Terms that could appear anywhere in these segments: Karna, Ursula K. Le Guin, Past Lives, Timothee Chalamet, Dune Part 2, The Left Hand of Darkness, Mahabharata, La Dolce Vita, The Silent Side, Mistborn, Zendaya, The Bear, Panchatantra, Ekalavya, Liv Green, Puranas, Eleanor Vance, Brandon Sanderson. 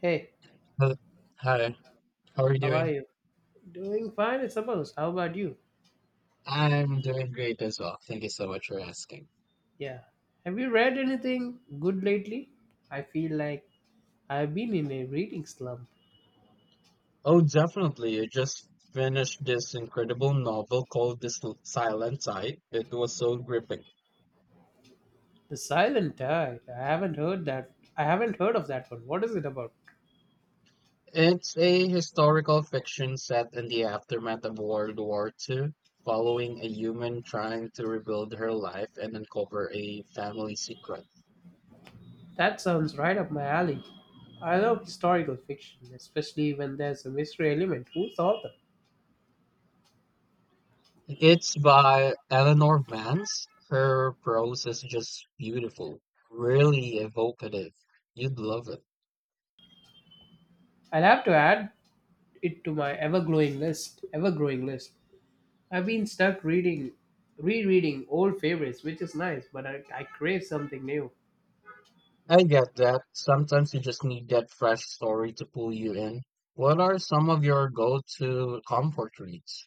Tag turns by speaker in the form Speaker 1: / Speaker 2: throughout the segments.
Speaker 1: Hey,
Speaker 2: Hello. Hi, how are you
Speaker 1: how are
Speaker 2: doing?
Speaker 1: you? Doing fine, I suppose. How about you?
Speaker 2: I'm doing great as well. Thank you so much for asking.
Speaker 1: Yeah. Have you read anything good lately? I feel like I've been in a reading slump.
Speaker 2: Oh, definitely. I just finished this incredible novel called Silent Side. It was so gripping.
Speaker 1: The Silent Tide. I haven't heard that. I haven't heard of that one. What is it about?
Speaker 2: It's a historical fiction set in the aftermath of World War II, following a human trying to rebuild her life and uncover a family secret.
Speaker 1: That sounds right up my alley. I love historical fiction, especially when there's a mystery element. Who's the author?
Speaker 2: It's by Eleanor Vance. Her prose is just beautiful, really evocative. You'd love it.
Speaker 1: I'll have to add it to my ever-growing list. I've been stuck reading, rereading old favorites, which is nice, but I crave something new.
Speaker 2: I get that. Sometimes you just need that fresh story to pull you in. What are some of your go-to comfort reads?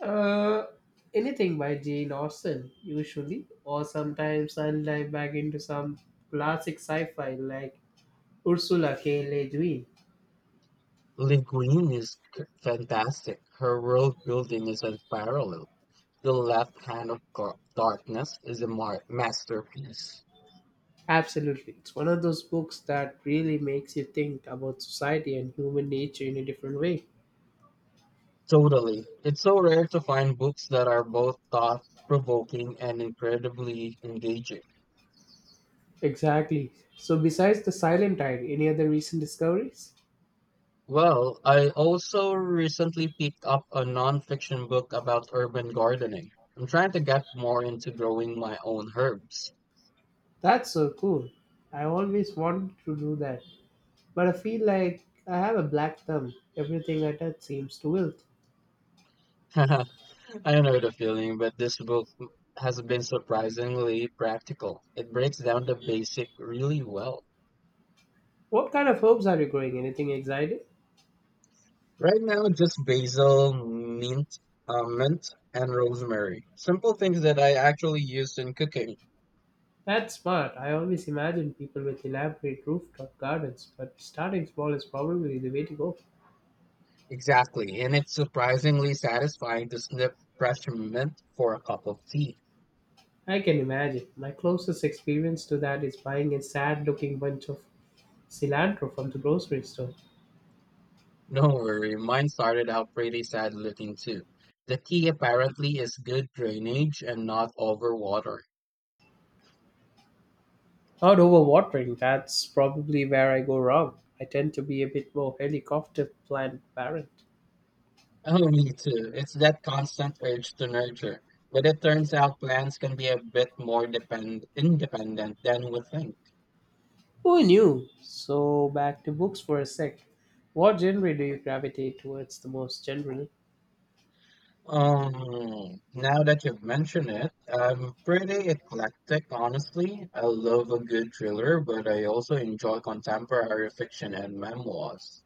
Speaker 1: Uh, Anything by Jane Austen, usually, or sometimes I dive back into some classic sci-fi like Ursula K. Le Guin.
Speaker 2: Liv Green is c- fantastic. Her world building is unparalleled. The Left Hand of Darkness is a masterpiece.
Speaker 1: Absolutely, it's one of those books that really makes you think about society and human nature in a different way.
Speaker 2: Totally. It's so rare to find books that are both thought-provoking and incredibly engaging.
Speaker 1: Exactly. So, besides the Silent Tide, any other recent discoveries?
Speaker 2: Well, I also recently picked up a non-fiction book about urban gardening. I'm trying to get more into growing my own herbs.
Speaker 1: That's so cool. I always wanted to do that, but I feel like I have a black thumb. Everything I touch seems to wilt.
Speaker 2: I know the feeling, but this book has been surprisingly practical. It breaks down the basic really well.
Speaker 1: What kind of herbs are you growing? Anything exciting?
Speaker 2: Right now, just basil, mint, and rosemary. Simple things that I actually used in cooking.
Speaker 1: That's smart. I always imagine people with elaborate rooftop gardens, but starting small is probably the way to go.
Speaker 2: Exactly, and it's surprisingly satisfying to snip fresh mint for a cup of tea.
Speaker 1: I can imagine. My closest experience to that is buying a sad looking bunch of cilantro from the grocery store.
Speaker 2: No worry, mine started out pretty sad looking too. The tea apparently is good drainage and not overwatering.
Speaker 1: Not overwatering, that's probably where I go wrong. I tend to be a bit more helicopter plant parent.
Speaker 2: Oh, me too. It's that constant urge to nurture. But it turns out plants can be a bit more depend independent than we think.
Speaker 1: Who knew? So back to books for a sec. What genre do you gravitate towards the most generally?
Speaker 2: Now that you've mentioned it, I'm pretty eclectic, honestly. I love a good thriller, but I also enjoy contemporary fiction and memoirs.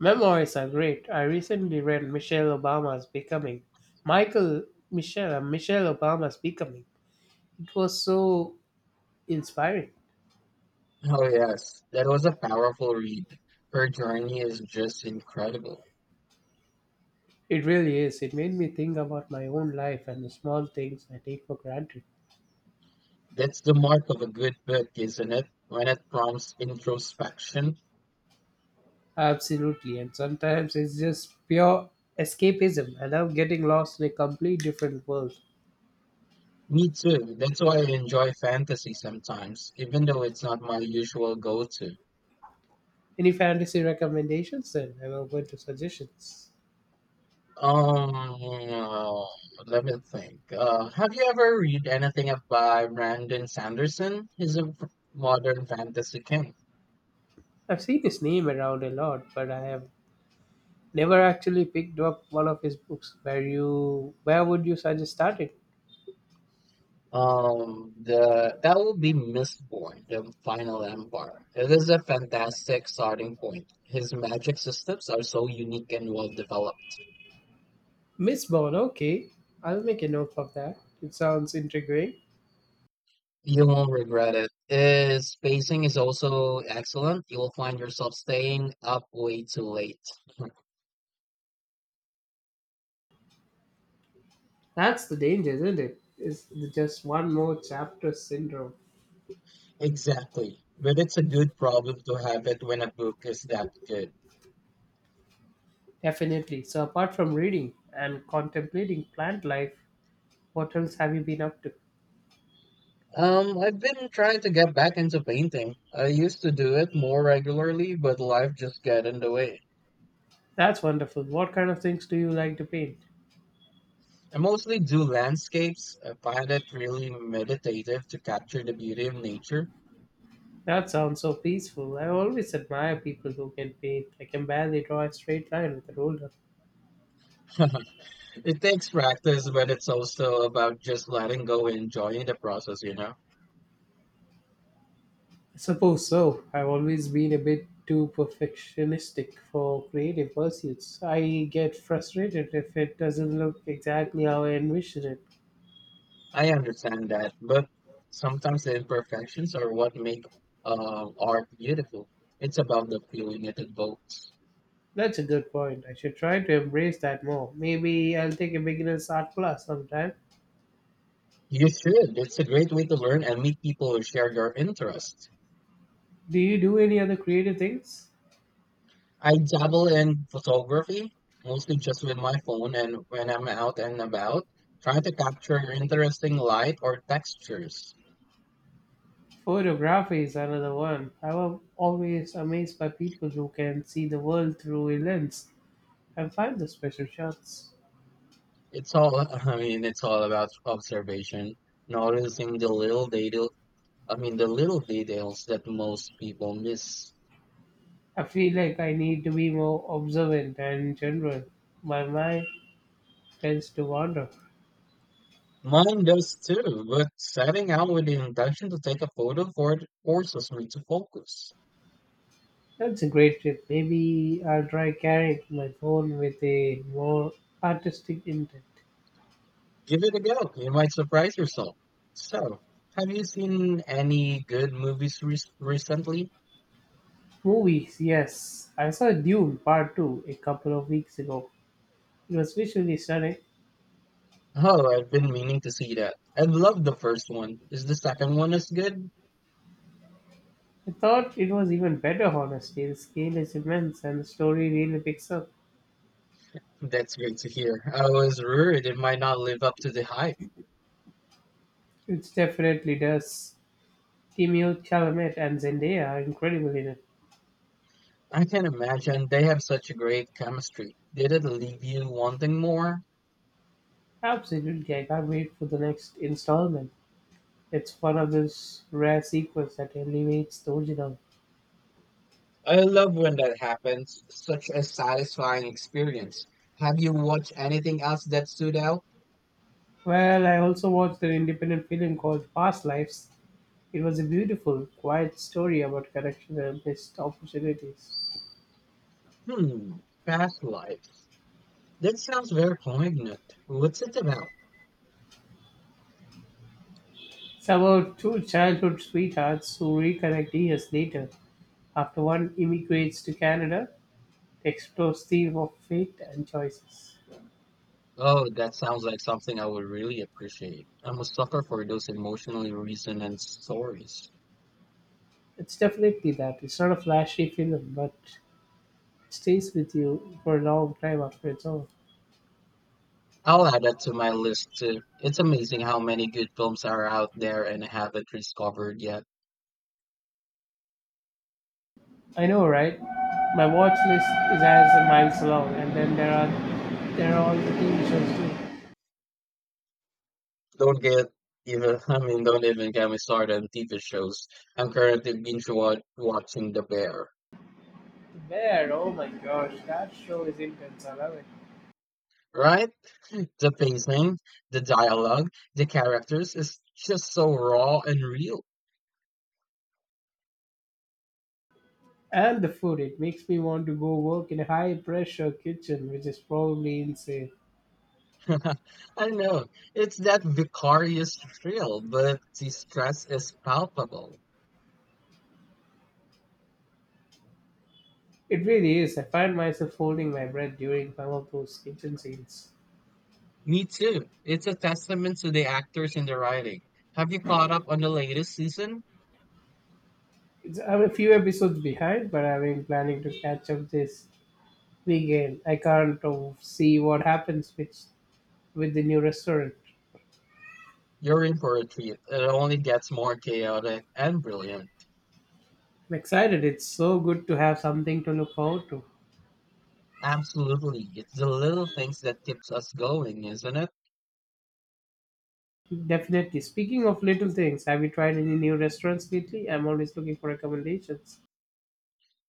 Speaker 1: Memoirs are great. I recently read Michelle Obama's Becoming. Michael Michelle Michelle Obama's Becoming. It was so inspiring.
Speaker 2: Oh, yes, that was a powerful read. Her journey is just incredible.
Speaker 1: It really is. It made me think about my own life and the small things I take for granted.
Speaker 2: That's the mark of a good book, isn't it? When it prompts introspection.
Speaker 1: Absolutely. And sometimes it's just pure escapism. I love getting lost in a complete different world.
Speaker 2: Me too. That's why I enjoy fantasy sometimes, even though it's not my usual go-to.
Speaker 1: Any fantasy recommendations then? And I'm going to suggestions.
Speaker 2: Um, uh, Let me think. Have you ever read anything by Brandon Sanderson? Modern fantasy king.
Speaker 1: I've seen his name around a lot, but I have never actually picked up one of his books. Where would you suggest starting?
Speaker 2: The That will be Mistborn, the Final Empire. It is a fantastic starting point. His magic systems are so unique and well developed.
Speaker 1: Miss Bond, okay. I'll make a note of that. It sounds intriguing.
Speaker 2: You won't regret it. His pacing is also excellent. You will find yourself staying up way too late.
Speaker 1: That's the danger, isn't it? Is the just one more chapter syndrome.
Speaker 2: Exactly. But it's a good problem to have it when a book is that good.
Speaker 1: Definitely. So apart from reading and contemplating plant life, what else have you been up to?
Speaker 2: I've been trying to get back into painting. I used to do it more regularly, but life just got in the way.
Speaker 1: That's wonderful. What kind of things do you like to paint?
Speaker 2: I mostly do landscapes. I find it really meditative to capture the beauty of nature.
Speaker 1: That sounds so peaceful. I always admire people who can paint. I can barely draw a straight line with a ruler.
Speaker 2: It takes practice, but it's also about just letting go and enjoying the process, you know?
Speaker 1: I suppose so. I've always been a bit too perfectionistic for creative pursuits. I get frustrated if it doesn't look exactly how I envision it.
Speaker 2: I understand that, but sometimes the imperfections are what make art beautiful. It's about the feeling it evokes.
Speaker 1: That's a good point. I should try to embrace that more. Maybe I'll take a beginner's art class sometime.
Speaker 2: You should. It's a great way to learn and meet people who share your interests.
Speaker 1: Do you do any other creative things?
Speaker 2: I dabble in photography, mostly just with my phone and when I'm out and about, trying to capture interesting light or textures.
Speaker 1: Photography is another one. I was always amazed by people who can see the world through a lens. I find the special shots.
Speaker 2: It's all, it's all about observation, noticing the little detail, I mean, the little details that most people miss.
Speaker 1: I feel like I need to be more observant and general. My mind tends to wander.
Speaker 2: Mine does too, but setting out with the intention to take a photo for it forces me to focus.
Speaker 1: That's a great tip. Maybe I'll try carrying my phone with a more artistic intent.
Speaker 2: Give it a go. You might surprise yourself. So, have you seen any good movies recently?
Speaker 1: Movies, yes. I saw Dune Part 2 a couple of weeks ago. It was visually stunning.
Speaker 2: Oh, I've been meaning to see that. I loved the first one. Is the second one as good?
Speaker 1: I thought it was even better, honestly. The scale is immense and the story really picks up.
Speaker 2: That's great to hear. I was worried it might not live up to the hype.
Speaker 1: It definitely does. Timothee Chalamet and Zendaya are incredible in it.
Speaker 2: I can imagine they have such a great chemistry. Did it leave you wanting more?
Speaker 1: Absolutely, I can't wait for the next installment. It's one of those rare sequels that elevates the original.
Speaker 2: I love when that happens. Such a satisfying experience. Have you watched anything else that stood out?
Speaker 1: Well, I also watched an independent film called Past Lives. It was a beautiful, quiet story about connection and missed opportunities.
Speaker 2: Hmm, Past Life. That sounds very poignant. What's it about?
Speaker 1: It's about two childhood sweethearts who reconnect years later after one immigrates to Canada to explore the theme of fate and choices.
Speaker 2: Oh, that sounds like something I would really appreciate. I'm a sucker for those emotionally resonant stories.
Speaker 1: It's definitely that. It's not a flashy film, but it stays with you for a long time after it's over.
Speaker 2: I'll add that to my list too. It's amazing how many good films are out there and I haven't discovered yet.
Speaker 1: I know, right? My watch list is as a miles long, and then there are all the TV shows too.
Speaker 2: Don't get even, Don't even get me started on TV shows. I'm currently watching The Bear,
Speaker 1: Where? Oh my gosh, that show is intense. I love it.
Speaker 2: right? The pacing, the dialogue, the characters is just so raw and real.
Speaker 1: And the food, it makes me want to go work in a high pressure kitchen, which is probably insane.
Speaker 2: I know, it's that vicarious thrill, but the stress is palpable.
Speaker 1: It really is. I find myself holding my breath during some of those kitchen scenes.
Speaker 2: Me too. It's a testament to the actors in the writing. Have you caught up on the latest season?
Speaker 1: I'm a few episodes behind, but I've been planning to catch up this weekend. I can't see what happens with the new restaurant.
Speaker 2: You're in for a treat. It only gets more chaotic and brilliant.
Speaker 1: I'm excited. It's so good to have something to look forward to.
Speaker 2: Absolutely. It's the little things that keeps us going, isn't it?
Speaker 1: Definitely. Speaking of little things, have you tried any new restaurants lately? I'm always looking for recommendations.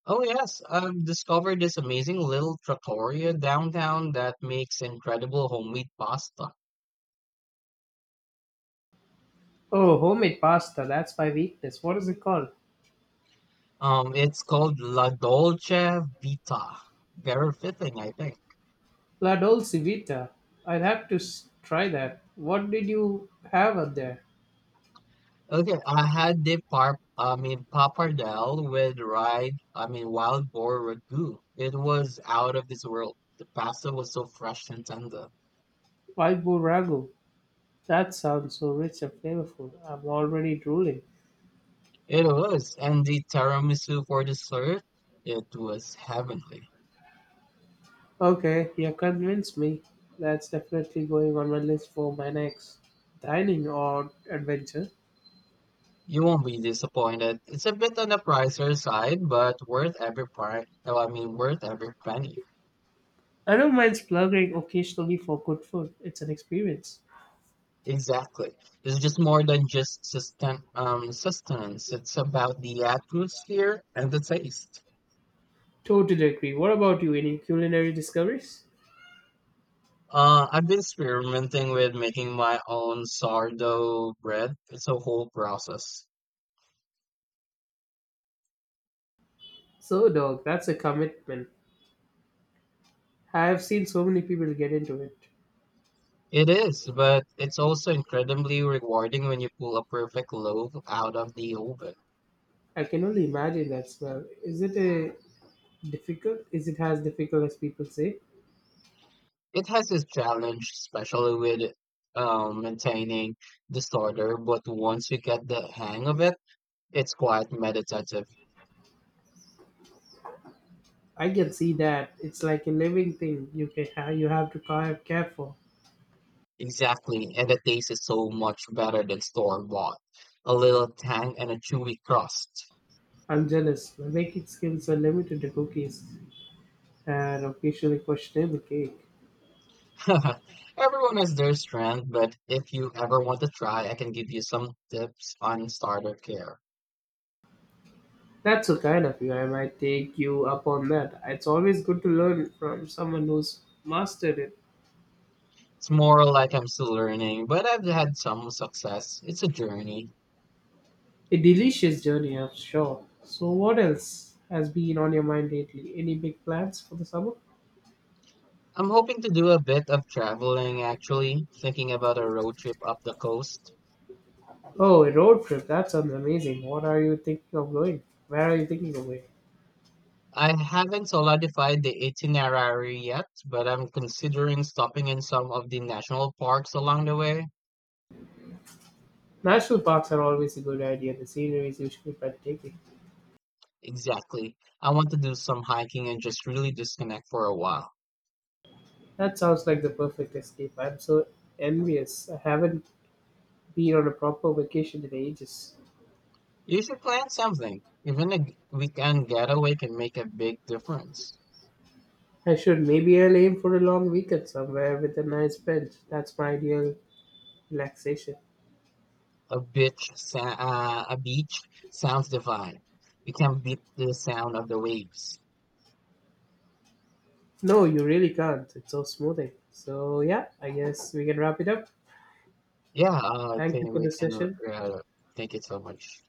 Speaker 2: Oh yes, I've discovered this amazing little trattoria downtown that makes incredible homemade pasta.
Speaker 1: Oh, homemade pasta. That's my weakness. What is it called?
Speaker 2: It's called La Dolce Vita. Very fitting, I think.
Speaker 1: La Dolce Vita. I'll have to try that. What did you have out there?
Speaker 2: Okay, I had the par I mean pappardelle with ride, I mean wild boar ragu. It was out of this world. The pasta was so fresh and tender.
Speaker 1: Wild boar ragu. That sounds so rich and flavorful. I'm already drooling.
Speaker 2: It was, and the tiramisu for dessert, it was heavenly.
Speaker 1: Okay, you convinced me. That's definitely going on my list for my next dining or adventure.
Speaker 2: You won't be disappointed. It's a bit on the pricier side, but worth every price. No, I mean worth every penny.
Speaker 1: I don't mind splurging occasionally for good food. It's an experience.
Speaker 2: Exactly. It's just more than just sustenance. It's about the atmosphere and the taste.
Speaker 1: Totally agree. What about you? Any culinary discoveries?
Speaker 2: I've been experimenting with making my own sourdough bread. It's a whole process.
Speaker 1: So, dog, that's a commitment. I have seen so many people get into it.
Speaker 2: It is, but it's also incredibly rewarding when you pull a perfect loaf out of the oven.
Speaker 1: I can only imagine that smell. Is it a difficult? Is it as difficult as people say?
Speaker 2: It has its challenge, especially with maintaining disorder, but once you get the hang of it, it's quite meditative.
Speaker 1: I can see that. It's like a living thing. You can have. You have to care for.
Speaker 2: Exactly, and the taste is so much better than store-bought. A little tang and a chewy crust.
Speaker 1: I'm jealous. My baking skills are limited to cookies and occasionally questionable cake.
Speaker 2: Everyone has their strength, but if you ever want to try, I can give you some tips on starter care.
Speaker 1: That's so kind of you. I might take you up on that. It's always good to learn from someone who's mastered it.
Speaker 2: It's more like I'm still learning, but I've had some success. It's a journey.
Speaker 1: A delicious journey, I'm sure. So, what else has been on your mind lately? Any big plans for the summer?
Speaker 2: I'm hoping to do a bit of traveling actually, thinking about a road trip up the coast.
Speaker 1: Oh, a road trip. That sounds amazing. What are you thinking of going? Where are you thinking of going?
Speaker 2: I haven't solidified the itinerary yet, but I'm considering stopping in some of the national parks along the way.
Speaker 1: National parks are always a good idea. The scenery is usually breathtaking.
Speaker 2: Exactly. I want to do some hiking and just really disconnect for a while.
Speaker 1: That sounds like the perfect escape. I'm so envious. I haven't been on a proper vacation in ages.
Speaker 2: You should plan something. Even a weekend getaway can make a big difference.
Speaker 1: I should. Maybe I'll aim for a long weekend somewhere with a nice bench. That's my ideal relaxation.
Speaker 2: A beach sounds divine. You can beat the sound of the waves.
Speaker 1: No, you really can't. It's so smoothing. So, yeah, I guess we can wrap it up.
Speaker 2: Yeah, I
Speaker 1: Thank you
Speaker 2: think
Speaker 1: for
Speaker 2: we
Speaker 1: the
Speaker 2: can.
Speaker 1: session.
Speaker 2: Uh, Thank you so much.